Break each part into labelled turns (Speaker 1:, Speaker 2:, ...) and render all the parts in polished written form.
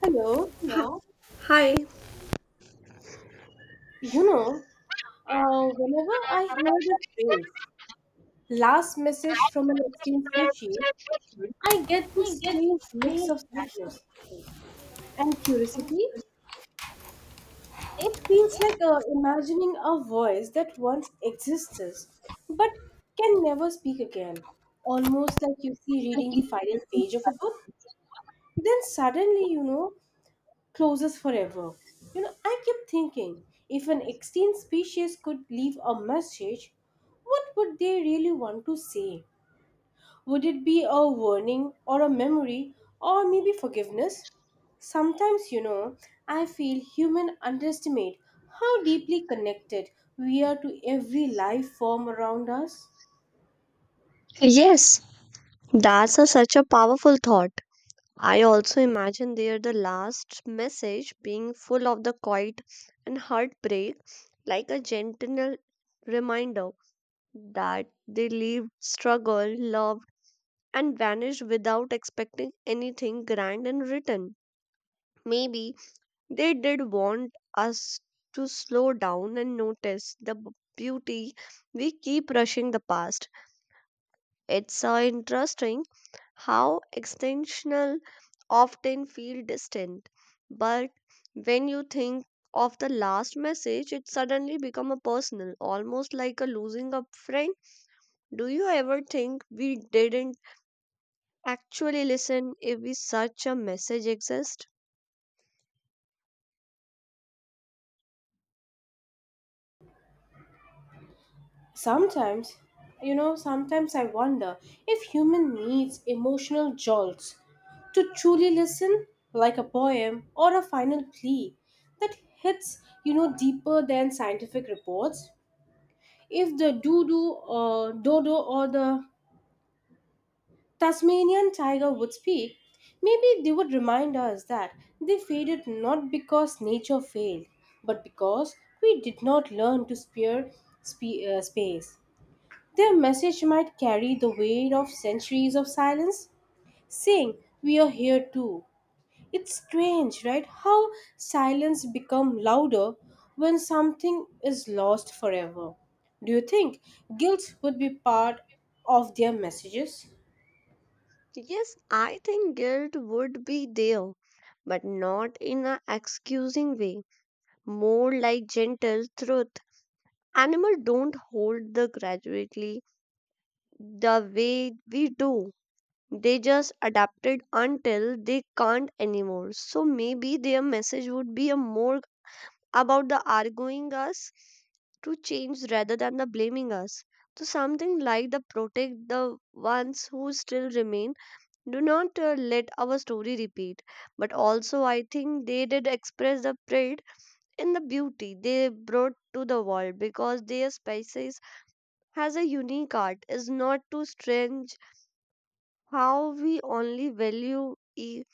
Speaker 1: Hello.
Speaker 2: Hello. Hi.
Speaker 1: You know, Whenever I hear the phrase last message from an extinct species, I get this strange mix of sadness and curiosity. It feels like imagining a voice that once existed but can never speak again. Almost like reading the final page of a book. Then suddenly closes forever. I kept thinking if an extinct species could leave a message, what would they really want to say? Would it be a warning or a memory or maybe forgiveness? Sometimes, I feel human underestimate how deeply connected we are to every life form around us.
Speaker 2: Yes, such a powerful thought. I also imagine there the last message being full of the quiet and heartbreak, like a gentle reminder that they lived, struggled, loved, and vanished without expecting anything grand in return. Maybe they did want us to slow down and notice the beauty we keep rushing the past. It's interesting how extensional often feel distant, but when you think of the last message it suddenly become a personal, almost like a losing a friend. Do you ever think we didn't actually listen if we such a message exist?
Speaker 1: Sometimes, you know, sometimes I wonder if human needs emotional jolts to truly listen like a poem or a final plea that hits, deeper than scientific reports. If the doo-doo or dodo or the Tasmanian tiger would speak, maybe they would remind us that they faded not because nature failed, but because we did not learn to spare space. Their message might carry the weight of centuries of silence, saying, we are here too. It's strange, right? How silence become louder when something is lost forever. Do you think guilt would be part of their messages?
Speaker 2: Yes, I think guilt would be there, but not in a excusing way, more like gentle truth. Animal don't hold the gradually the way we do. They just adapted until they can't anymore. So maybe their message would be a more about the arguing us to change rather than the blaming us. So something like the protect the ones who still remain. Do not let our story repeat. But also, I think they did express the pride in the beauty they brought to the world because their species has a unique art. Is not too strange how we only value e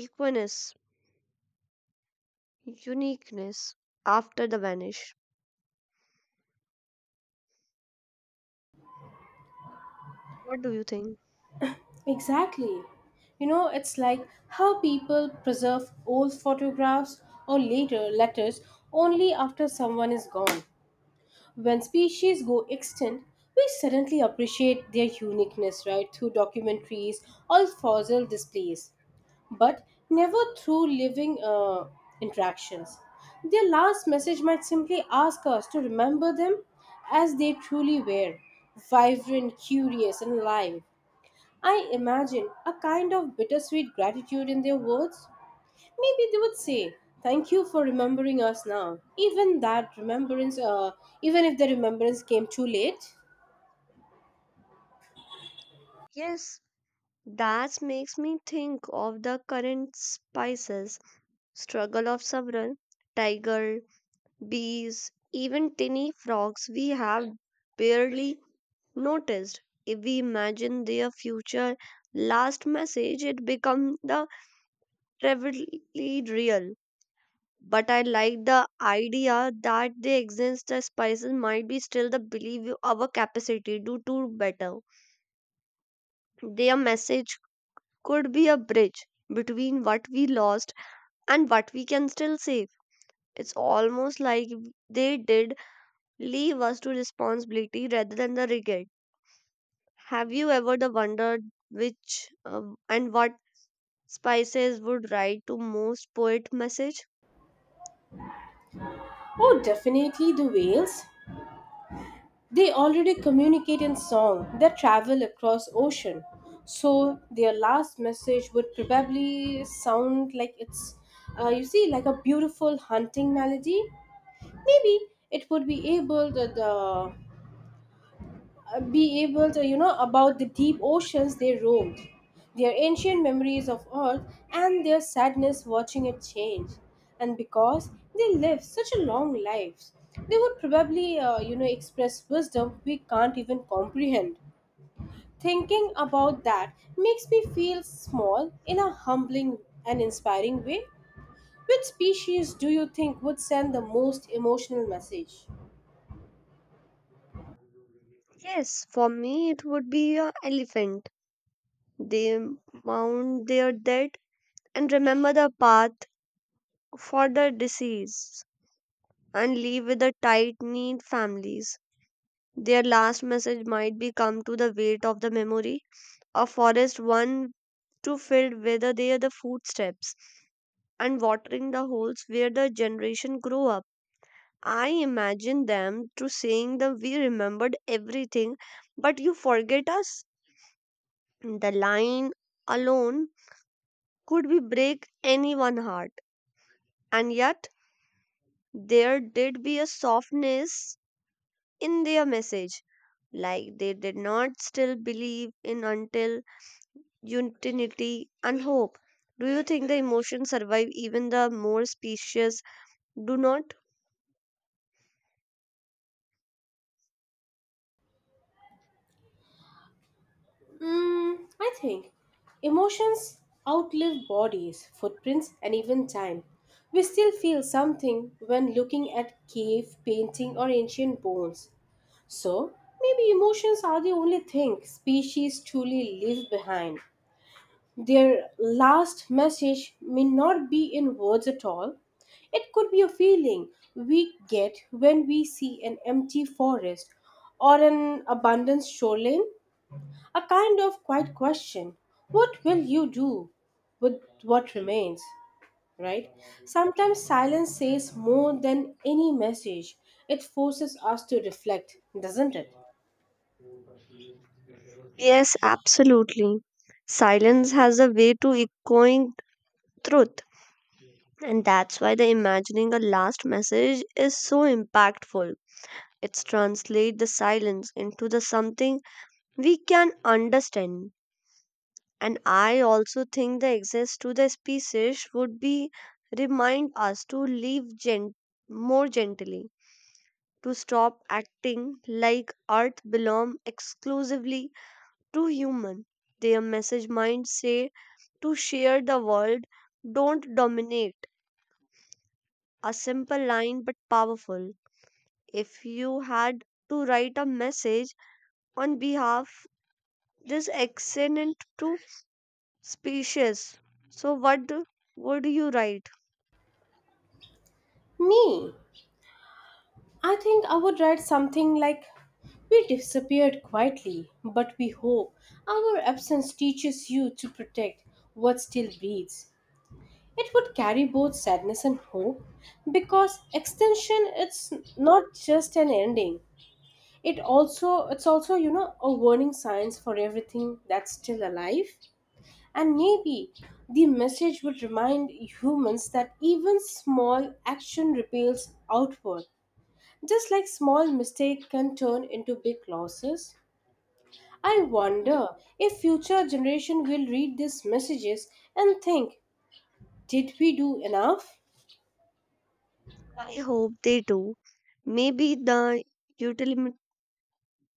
Speaker 2: Equinus, uniqueness after the vanish. What do you think?
Speaker 1: Exactly. It's like how people preserve old photographs or later letters only after someone is gone. When species go extinct, we suddenly appreciate their uniqueness, right, through documentaries or fossil displays, but never through living interactions. Their last message might simply ask us to remember them as they truly were vibrant, curious, and alive. I imagine a kind of bittersweet gratitude in their words. Maybe they would say, "Thank you for remembering us now." Even even if the remembrance came too late.
Speaker 2: Yes, that makes me think of the current spices, struggle of several tiger, bees, even tiny frogs we have barely noticed. If we imagine their future last message, it becomes the vividly real. But I like the idea that they exist the spices might be still the believe our capacity to do better. Their message could be a bridge between what we lost and what we can still save. It's almost like they did leave us to responsibility rather than the regret. Have you ever the wondered which and what spices would write to most poet message?
Speaker 1: Oh, definitely the whales. They already communicate in song. They travel across ocean, so their last message would probably sound like like a beautiful hunting melody. Maybe it would be able that the be able to, about the deep oceans they roamed, their ancient memories of Earth, and their sadness watching it change. And because they lived such a long lives, they would probably, express wisdom we can't even comprehend. Thinking about that makes me feel small in a humbling and inspiring way. Which species do you think would send the most emotional message?
Speaker 2: Yes, for me it would be a elephant. They mourn their dead and remember the path for the deceased and leave with the tight knit families. Their last message might be come to the weight of the memory, a forest one to fill whether they are the footsteps and watering the holes where the generation grow up. I imagine them to saying that we remembered everything, but you forget us. The line alone could be break anyone's heart, and yet there did be a softness in their message. Like they did not still believe in until unity and hope. Do you think the emotions survive even the more specious do not?
Speaker 1: Mm, I think emotions outlive bodies, footprints, and even time. We still feel something when looking at cave painting or ancient bones. So, maybe emotions are the only thing species truly leave behind. Their last message may not be in words at all. It could be a feeling we get when we see an empty forest or an abandoned shoreline. A kind of quiet question. What will you do with what remains? Right? Sometimes silence says more than any message. It forces us to reflect, doesn't it?
Speaker 2: Yes, absolutely. Silence has a way to echoing truth. And that's why the imagining a last message is so impactful. It's translate the silence into the something we can understand. And I also think the access to the species would be remind us to live more gently, to stop acting like Earth belong exclusively to human. Their message might say to share the world, don't dominate. A simple line but powerful. If you had to write a message on behalf this accident to species, so what would you write?
Speaker 1: Me, I think I would write something like, we disappeared quietly, but we hope our absence teaches you to protect what still breathes. It would carry both sadness and hope because extension it's not just an ending, it's also a warning signs for everything that's still alive. And maybe the message would remind humans that even small action repels outward, just like small mistake can turn into big losses. I wonder if future generation will read these messages and think, did we do enough?
Speaker 2: I hope they do. Maybe the ultimate,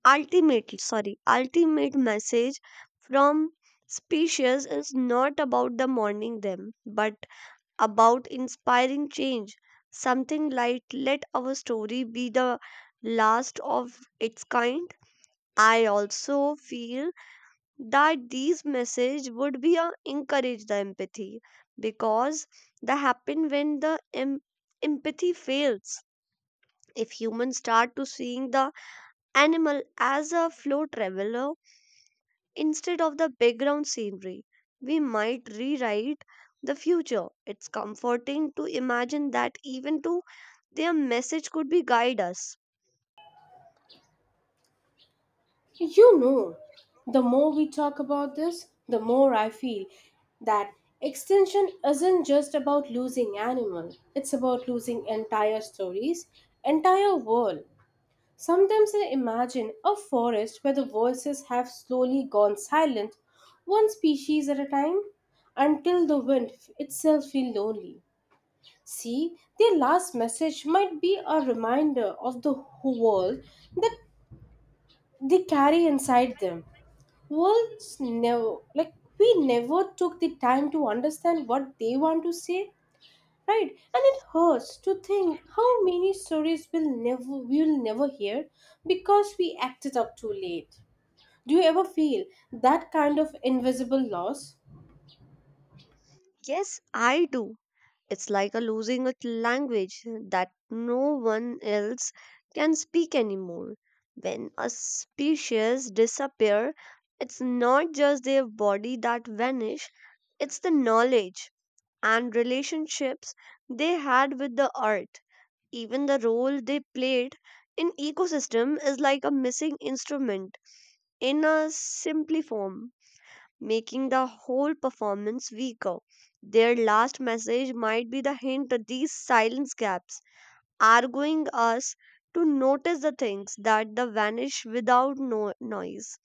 Speaker 2: ultimate message from species is not about the mourning them, but about inspiring change. Something like let our story be the last of its kind. I also feel that these messages would be a encourage the empathy because that happen when the empathy fails if humans start to seeing the animal as a flow traveler instead of the background scenery, we might rewrite the future. It's comforting to imagine that even to their message could be guide us.
Speaker 1: You know, the more we talk about this, the more I feel that extinction isn't just about losing animal. It's about losing entire stories, entire world. Sometimes I imagine a forest where the voices have slowly gone silent, one species at a time, until the wind itself feels lonely. See, their last message might be a reminder of the whole world that they carry inside them. Worlds never like we never took the time to understand what they want to say, right? And it hurts to think how many stories will never we will never hear because we acted up too late. Do you ever feel that kind of invisible loss?
Speaker 2: Yes, I do. It's like a losing a language that no one else can speak anymore. When a species disappear, it's not just their body that vanish, it's the knowledge and relationships they had with the earth. Even the role they played in ecosystem is like a missing instrument in a simply form, making the whole performance weaker. Their last message might be the hint that these silence gaps are going us to notice the things that the vanish without noise.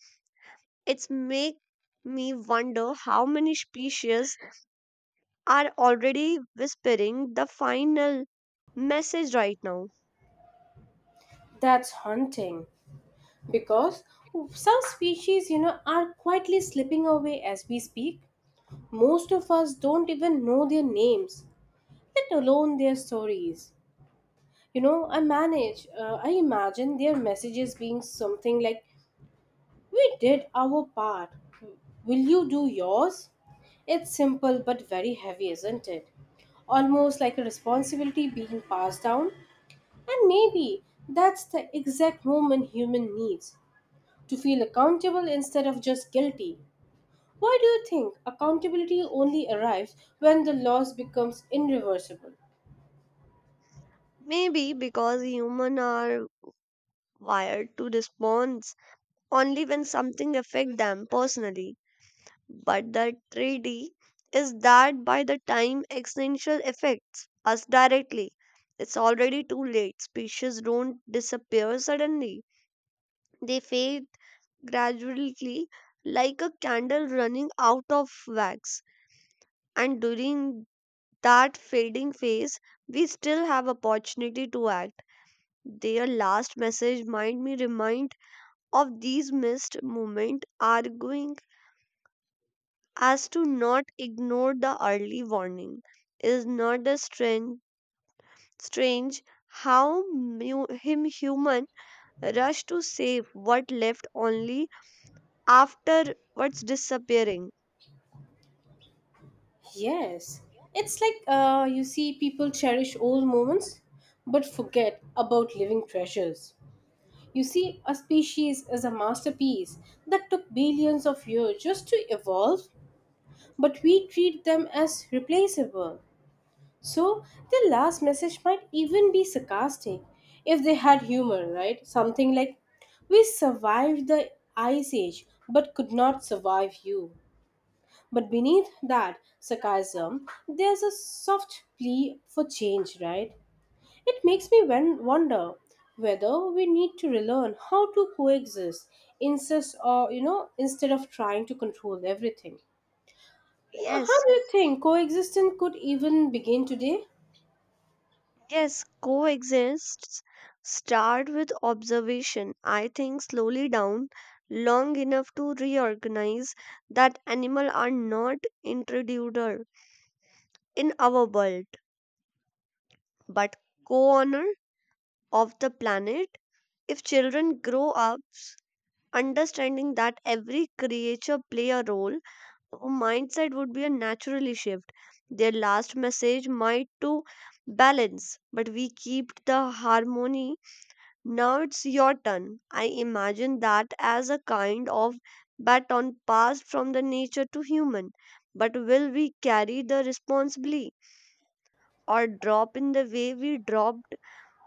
Speaker 2: It's make me wonder how many species are already whispering the final message right now.
Speaker 1: That's haunting because some species, are quietly slipping away as we speak. Most of us don't even know their names, let alone their stories. I imagine their messages being something like, we did our part. Will you do yours? It's simple but very heavy, isn't it? Almost like a responsibility being passed down. And maybe that's the exact moment human needs to feel accountable instead of just guilty. Why do you think accountability only arrives when the loss becomes irreversible?
Speaker 2: Maybe because humans are wired to respond only when something affects them personally. But the tragedy is that by the time existential affects us directly, it's already too late. Species don't disappear suddenly. They fade gradually like a candle running out of wax. And during that fading phase, we still have opportunity to act. Their last message might me remind of these missed moments, arguing as to not ignore the early warning. Is not a strange how mu- him human rush to save what left only after what's disappearing.
Speaker 1: Yes, it's like people cherish old moments but forget about living treasures. You see, a species is a masterpiece that took billions of years just to evolve, but we treat them as replaceable. So, their last message might even be sarcastic if they had humor, right? Something like, we survived the ice age but could not survive you. But beneath that sarcasm, there's a soft plea for change, right? It makes me wonder whether we need to relearn how to coexist insist or instead of trying to control everything. How
Speaker 2: Yes,
Speaker 1: do you think coexistence could even begin today?
Speaker 2: Yes, coexists. Start with observation. I think slowly down long enough to reorganize that animal are not intruder in our world, but co-owner of the planet. If children grow up understanding that every creature play a role, their mindset would be a naturally shift. Their last message might to balance, but we keep the harmony. Now it's your turn. I imagine that as a kind of baton passed from the nature to human. But will we carry the responsibility or drop in the way we dropped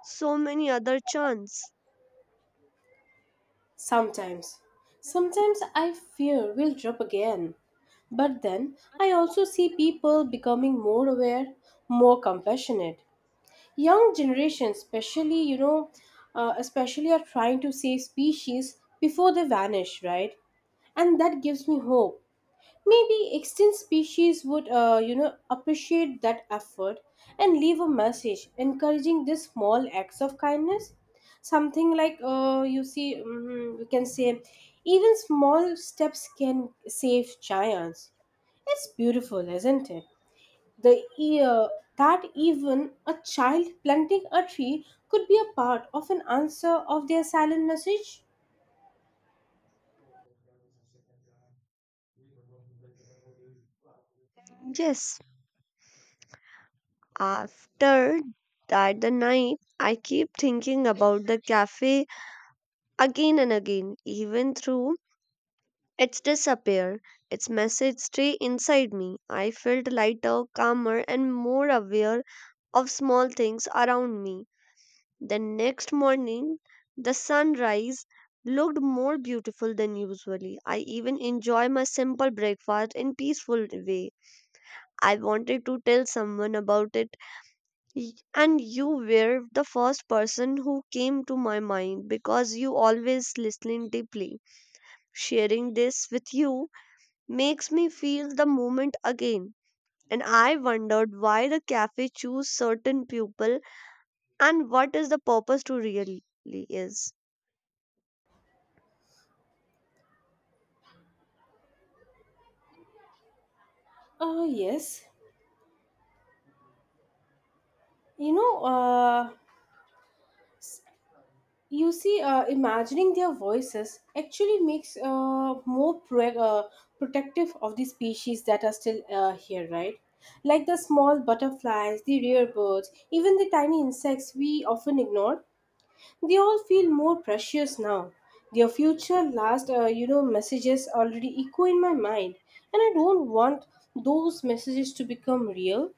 Speaker 2: so many other chance?
Speaker 1: Sometimes sometimes I fear we'll drop again, but then I also see people becoming more aware, more compassionate, young generation especially you know especially are trying to save species before they vanish, right? And that gives me hope. Maybe extinct species would appreciate that effort and leave a message encouraging these small acts of kindness, something like we can say even small steps can save giants. It's beautiful, isn't it? The uh that even a child planting a tree could be a part of an answer of their silent message?
Speaker 2: Yes. After that the night I keep thinking about the cafe again and again, even through its disappear. Its message stay inside me. I felt lighter, calmer and more aware of small things around me. The next morning, the sunrise looked more beautiful than usually. I even enjoy my simple breakfast in peaceful way. I wanted to tell someone about it and you were the first person who came to my mind because you always listening deeply. Sharing this with you makes me feel the moment again and I wondered why the cafe choose certain people and what is the purpose to really is.
Speaker 1: Yes. You know, uh, Imagining their voices actually makes more protective of the species that are still here, right? Like the small butterflies, the rare birds, even the tiny insects we often ignore. They all feel more precious now. Their future last, messages already echo in my mind, and I don't want those messages to become real.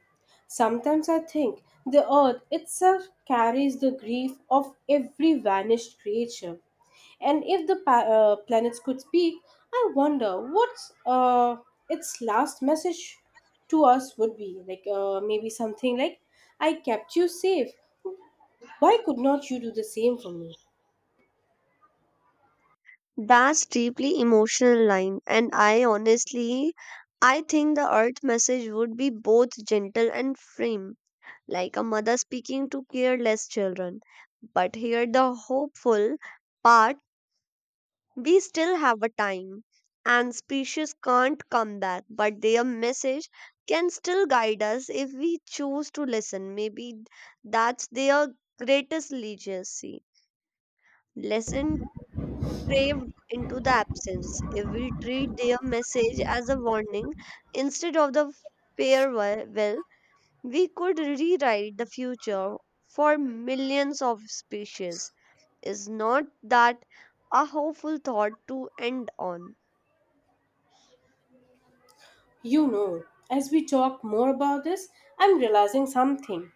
Speaker 1: Sometimes I think the earth itself carries the grief of every vanished creature. And if the planets could speak, I wonder what uh, its last message to us would be. Like maybe something like, I kept you safe. Why could not you do the same for me?
Speaker 2: That's deeply emotional line, and I honestly I think the earth message would be both gentle and firm, like a mother speaking to careless children, but here the hopeful part. We still have a time and species can't come back, but their message can still guide us if we choose to listen. Maybe that's their greatest legacy. Listen, craved into the absence. If we treat their message as a warning instead of the farewell, well, we could rewrite the future for millions of species. Is not that a hopeful thought to end on?
Speaker 1: You know, as we talk more about this, I'm realizing something.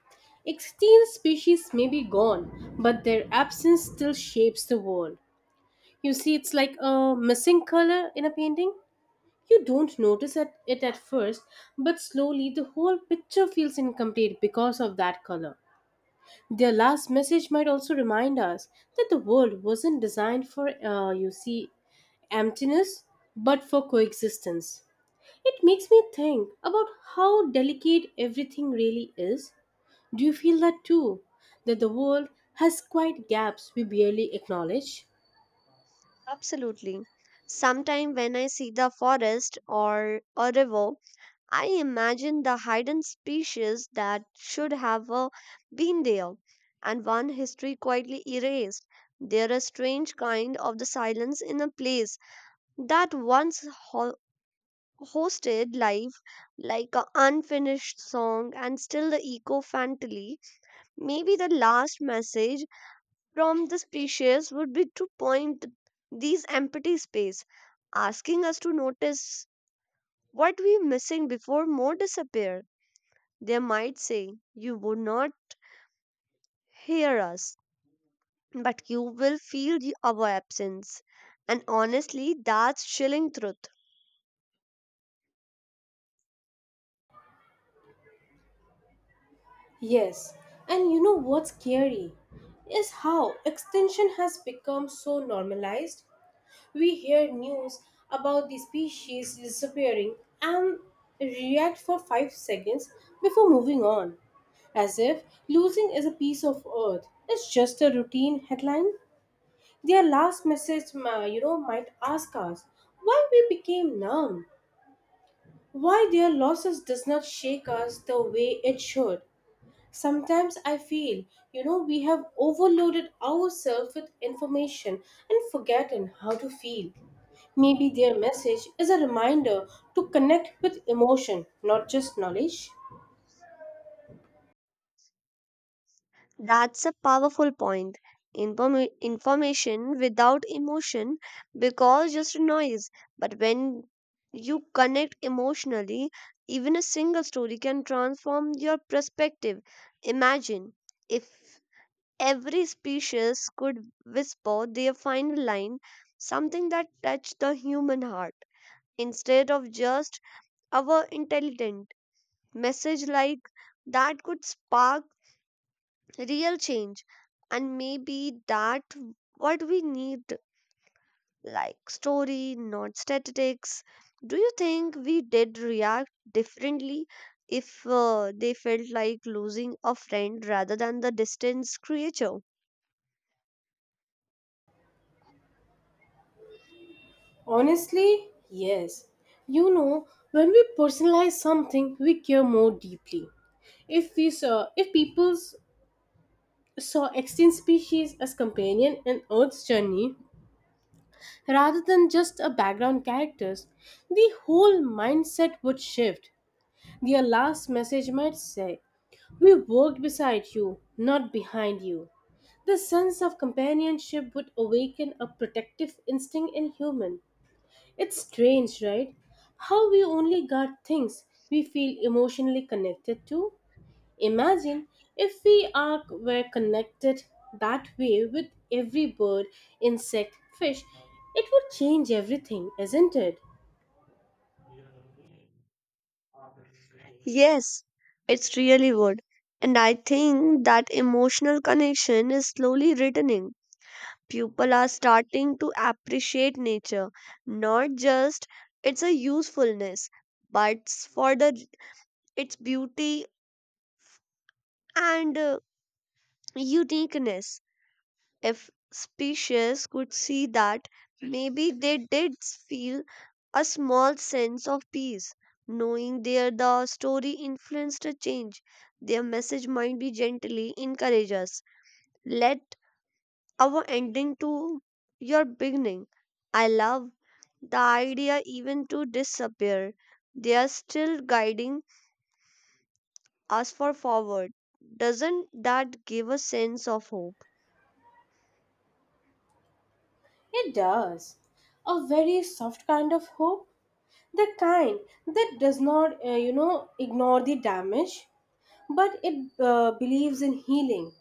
Speaker 1: Extinct species may be gone, but their absence still shapes the world. You see, it's like a missing color in a painting. You don't notice it at first, but slowly the whole picture feels incomplete because of that color. Their last message might also remind us that the world wasn't designed for, emptiness, but for coexistence. It makes me think about how delicate everything really is. Do you feel that too? That the world has quite gaps we barely acknowledge?
Speaker 2: Absolutely. Sometime when I see the forest or a river I imagine the hidden species that should have been there, and one history quietly erased. There is a strange kind of the silence in a place that once hosted life, like an unfinished song, and still the echo faintly. Maybe the last message from the species would be to point these empty space, asking us to notice what we missing before more disappear. They might say, "You would not hear us, but you will feel the, our absence." And honestly, that's chilling truth.
Speaker 1: Yes, and what's scary is how extinction has become so normalized. We hear news about the species disappearing and react for 5 seconds before moving on, as if losing is a piece of earth. It's just a routine headline. Their last message, might ask us why we became numb, why their losses does not shake us the way it should. Sometimes I feel, we have overloaded ourselves with information and forgotten how to feel. Maybe their message is a reminder to connect with emotion, not just knowledge.
Speaker 2: That's a powerful point. Information without emotion because just noise. But when you connect emotionally, even a single story can transform your perspective. Imagine if every species could whisper their final line, something that touched the human heart, instead of just our intelligent message, like that could spark real change. And maybe that what we need, like story, not statistics. Do you think we did react differently if they felt like losing a friend rather than the distance creature?
Speaker 1: Honestly, yes. When we personalize something, we care more deeply. If people saw extinct species as companion in Earth's journey rather than just a background characters, the whole mindset would shift. Their last message might say, "We worked beside you, not behind you." The sense of companionship would awaken a protective instinct in humans. It's strange, right? How we only guard things we feel emotionally connected to. Imagine if we are were connected that way with every bird, insect, fish, it would change everything, isn't it?
Speaker 2: Yes, it's really would. And I think that emotional connection is slowly returning. People are starting to appreciate nature, not just its a usefulness, but for the its beauty and uniqueness. If species could see that, maybe they did feel a small sense of peace, knowing their the story influenced a change. Their message might be gently encourage us. Let our ending to your beginning. I love the idea even to disappear. They are still guiding us for forward. Doesn't that give a sense of hope?
Speaker 1: It does. A very soft kind of hope, the kind that does not, ignore the damage, but it believes in healing.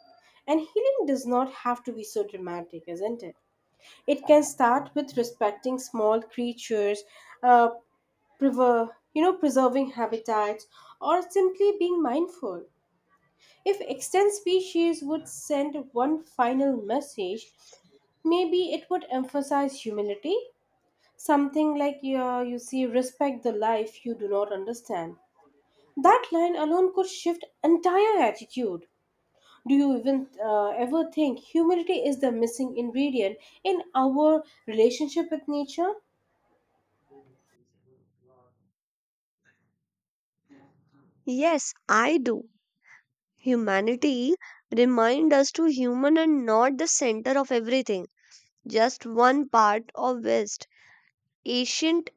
Speaker 1: And healing does not have to be so dramatic, isn't it? It can start with respecting small creatures, uh, preserving habitats, or simply being mindful. If extinct species would send one final message, maybe it would emphasize humility, something like respect the life you do not understand. That line alone could shift entire attitude. Do you even ever think humility is the missing ingredient in our relationship with nature?
Speaker 2: Yes, I do. Humanity remind us to human and not the center of everything, just one part of West ancient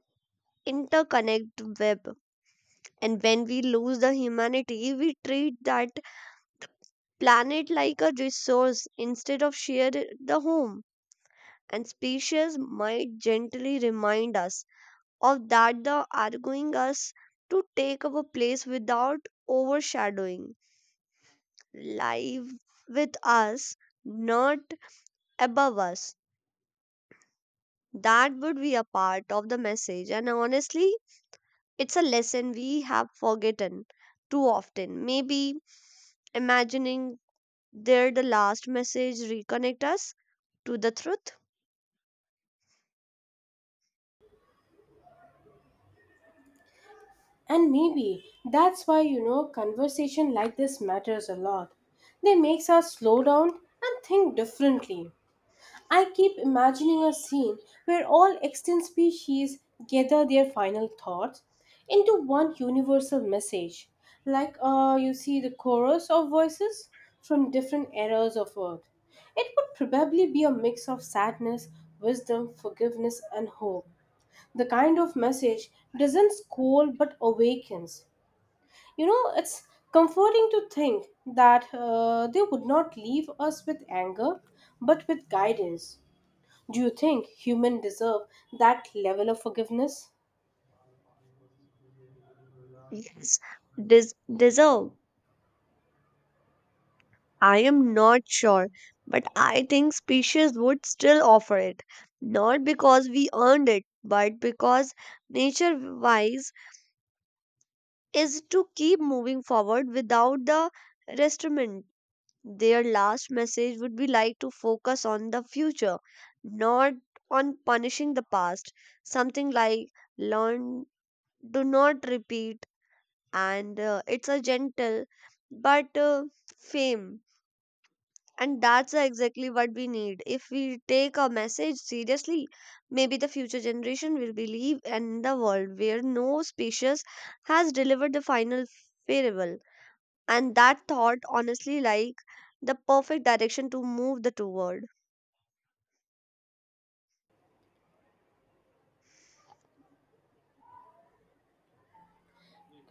Speaker 2: interconnect web. And when we lose the humanity, we treat that planet like a resource instead of share the home. And species might gently remind us of that the arguing us to take our place without overshadowing life with us, not above us. That would be a part of the message, and honestly, it's a lesson we have forgotten too often. Maybe imagining there the last message reconnect us to the truth.
Speaker 1: And maybe that's why conversation like this matters a lot. They makes us slow down and think differently. I keep imagining a scene where all extinct species gather their final thoughts into one universal message, like the chorus of voices from different eras of Earth. It would probably be a mix of sadness, wisdom, forgiveness, and hope. The kind of message doesn't scold but awakens. It's comforting to think that they would not leave us with anger, but with guidance. Do you think humans deserve that level of forgiveness?
Speaker 2: Yes, deserve. I am not sure, but I think species would still offer it. Not because we earned it, but because nature wise is to keep moving forward without the restraint. Their last message would be like to focus on the future, not on punishing the past. Something like learn, do not repeat, and it's a gentle but fame. And that's exactly what we need. If we take a message seriously, maybe the future generation will believe in the world where no species has delivered the final farewell, and that thought honestly like the perfect direction to move the toward.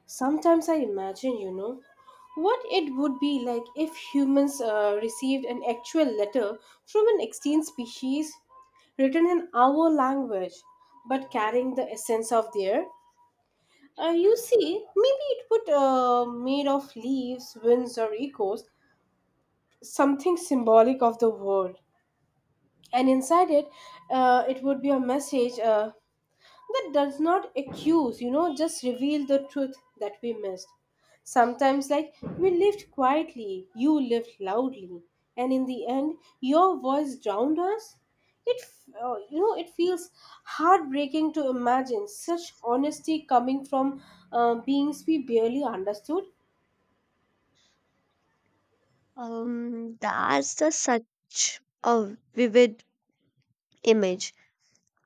Speaker 1: Sometimes I imagine, what it would be like if humans received an actual letter from an extinct species written in our language but carrying the essence of their. Maybe it would made of leaves, winds, or echoes, something symbolic of the world, and inside it it would be a message that does not accuse, just reveal the truth that we missed sometimes, like we lived quietly, you lived loudly, and in the end your voice drowned us. It it feels heartbreaking to imagine such honesty coming from beings we barely understood.
Speaker 2: That's the such a vivid image.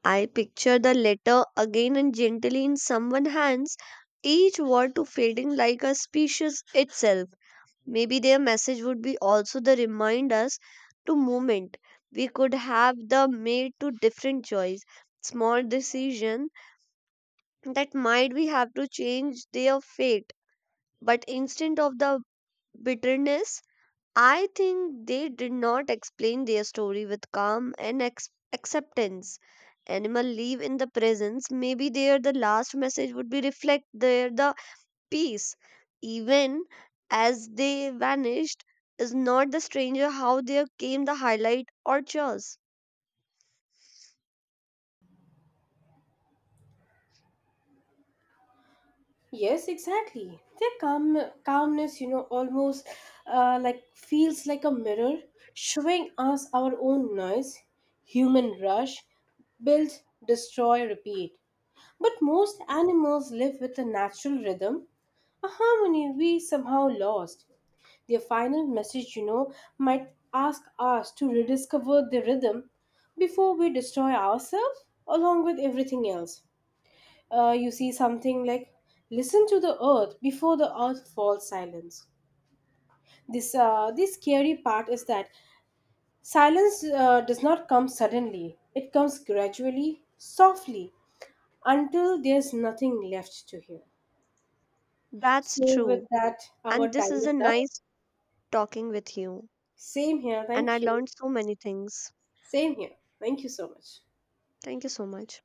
Speaker 2: I picture the letter again and gently in someone's hands, each word to fading like a species itself. Maybe their message would be also the reminders to moment we could have the made to different choice, small decision that might we have to change their fate. But instead of the bitterness, I think they did not explain their story with calm and acceptance. Animal live in the presence. Maybe there the last message would be reflect there the peace. Even as they vanished, is not the stranger how there came the highlight or chores.
Speaker 1: Yes, exactly. Their calmness, almost like feels like a mirror, showing us our own noise, human rush, build, destroy, repeat. But most animals live with a natural rhythm, a harmony we somehow lost. Their final message, might ask us to rediscover the rhythm before we destroy ourselves along with everything else. Something like, listen to the earth before the earth falls silence. This scary part is that silence does not come suddenly, it comes gradually, softly, until there's nothing left to hear.
Speaker 2: That's
Speaker 1: So with
Speaker 2: true.
Speaker 1: that, our
Speaker 2: And this
Speaker 1: time
Speaker 2: is a
Speaker 1: is up.
Speaker 2: nice talking with you.
Speaker 1: Same here,
Speaker 2: And I
Speaker 1: thank you.
Speaker 2: learned so many things.
Speaker 1: Same here, thank you so much.
Speaker 2: Thank you so much.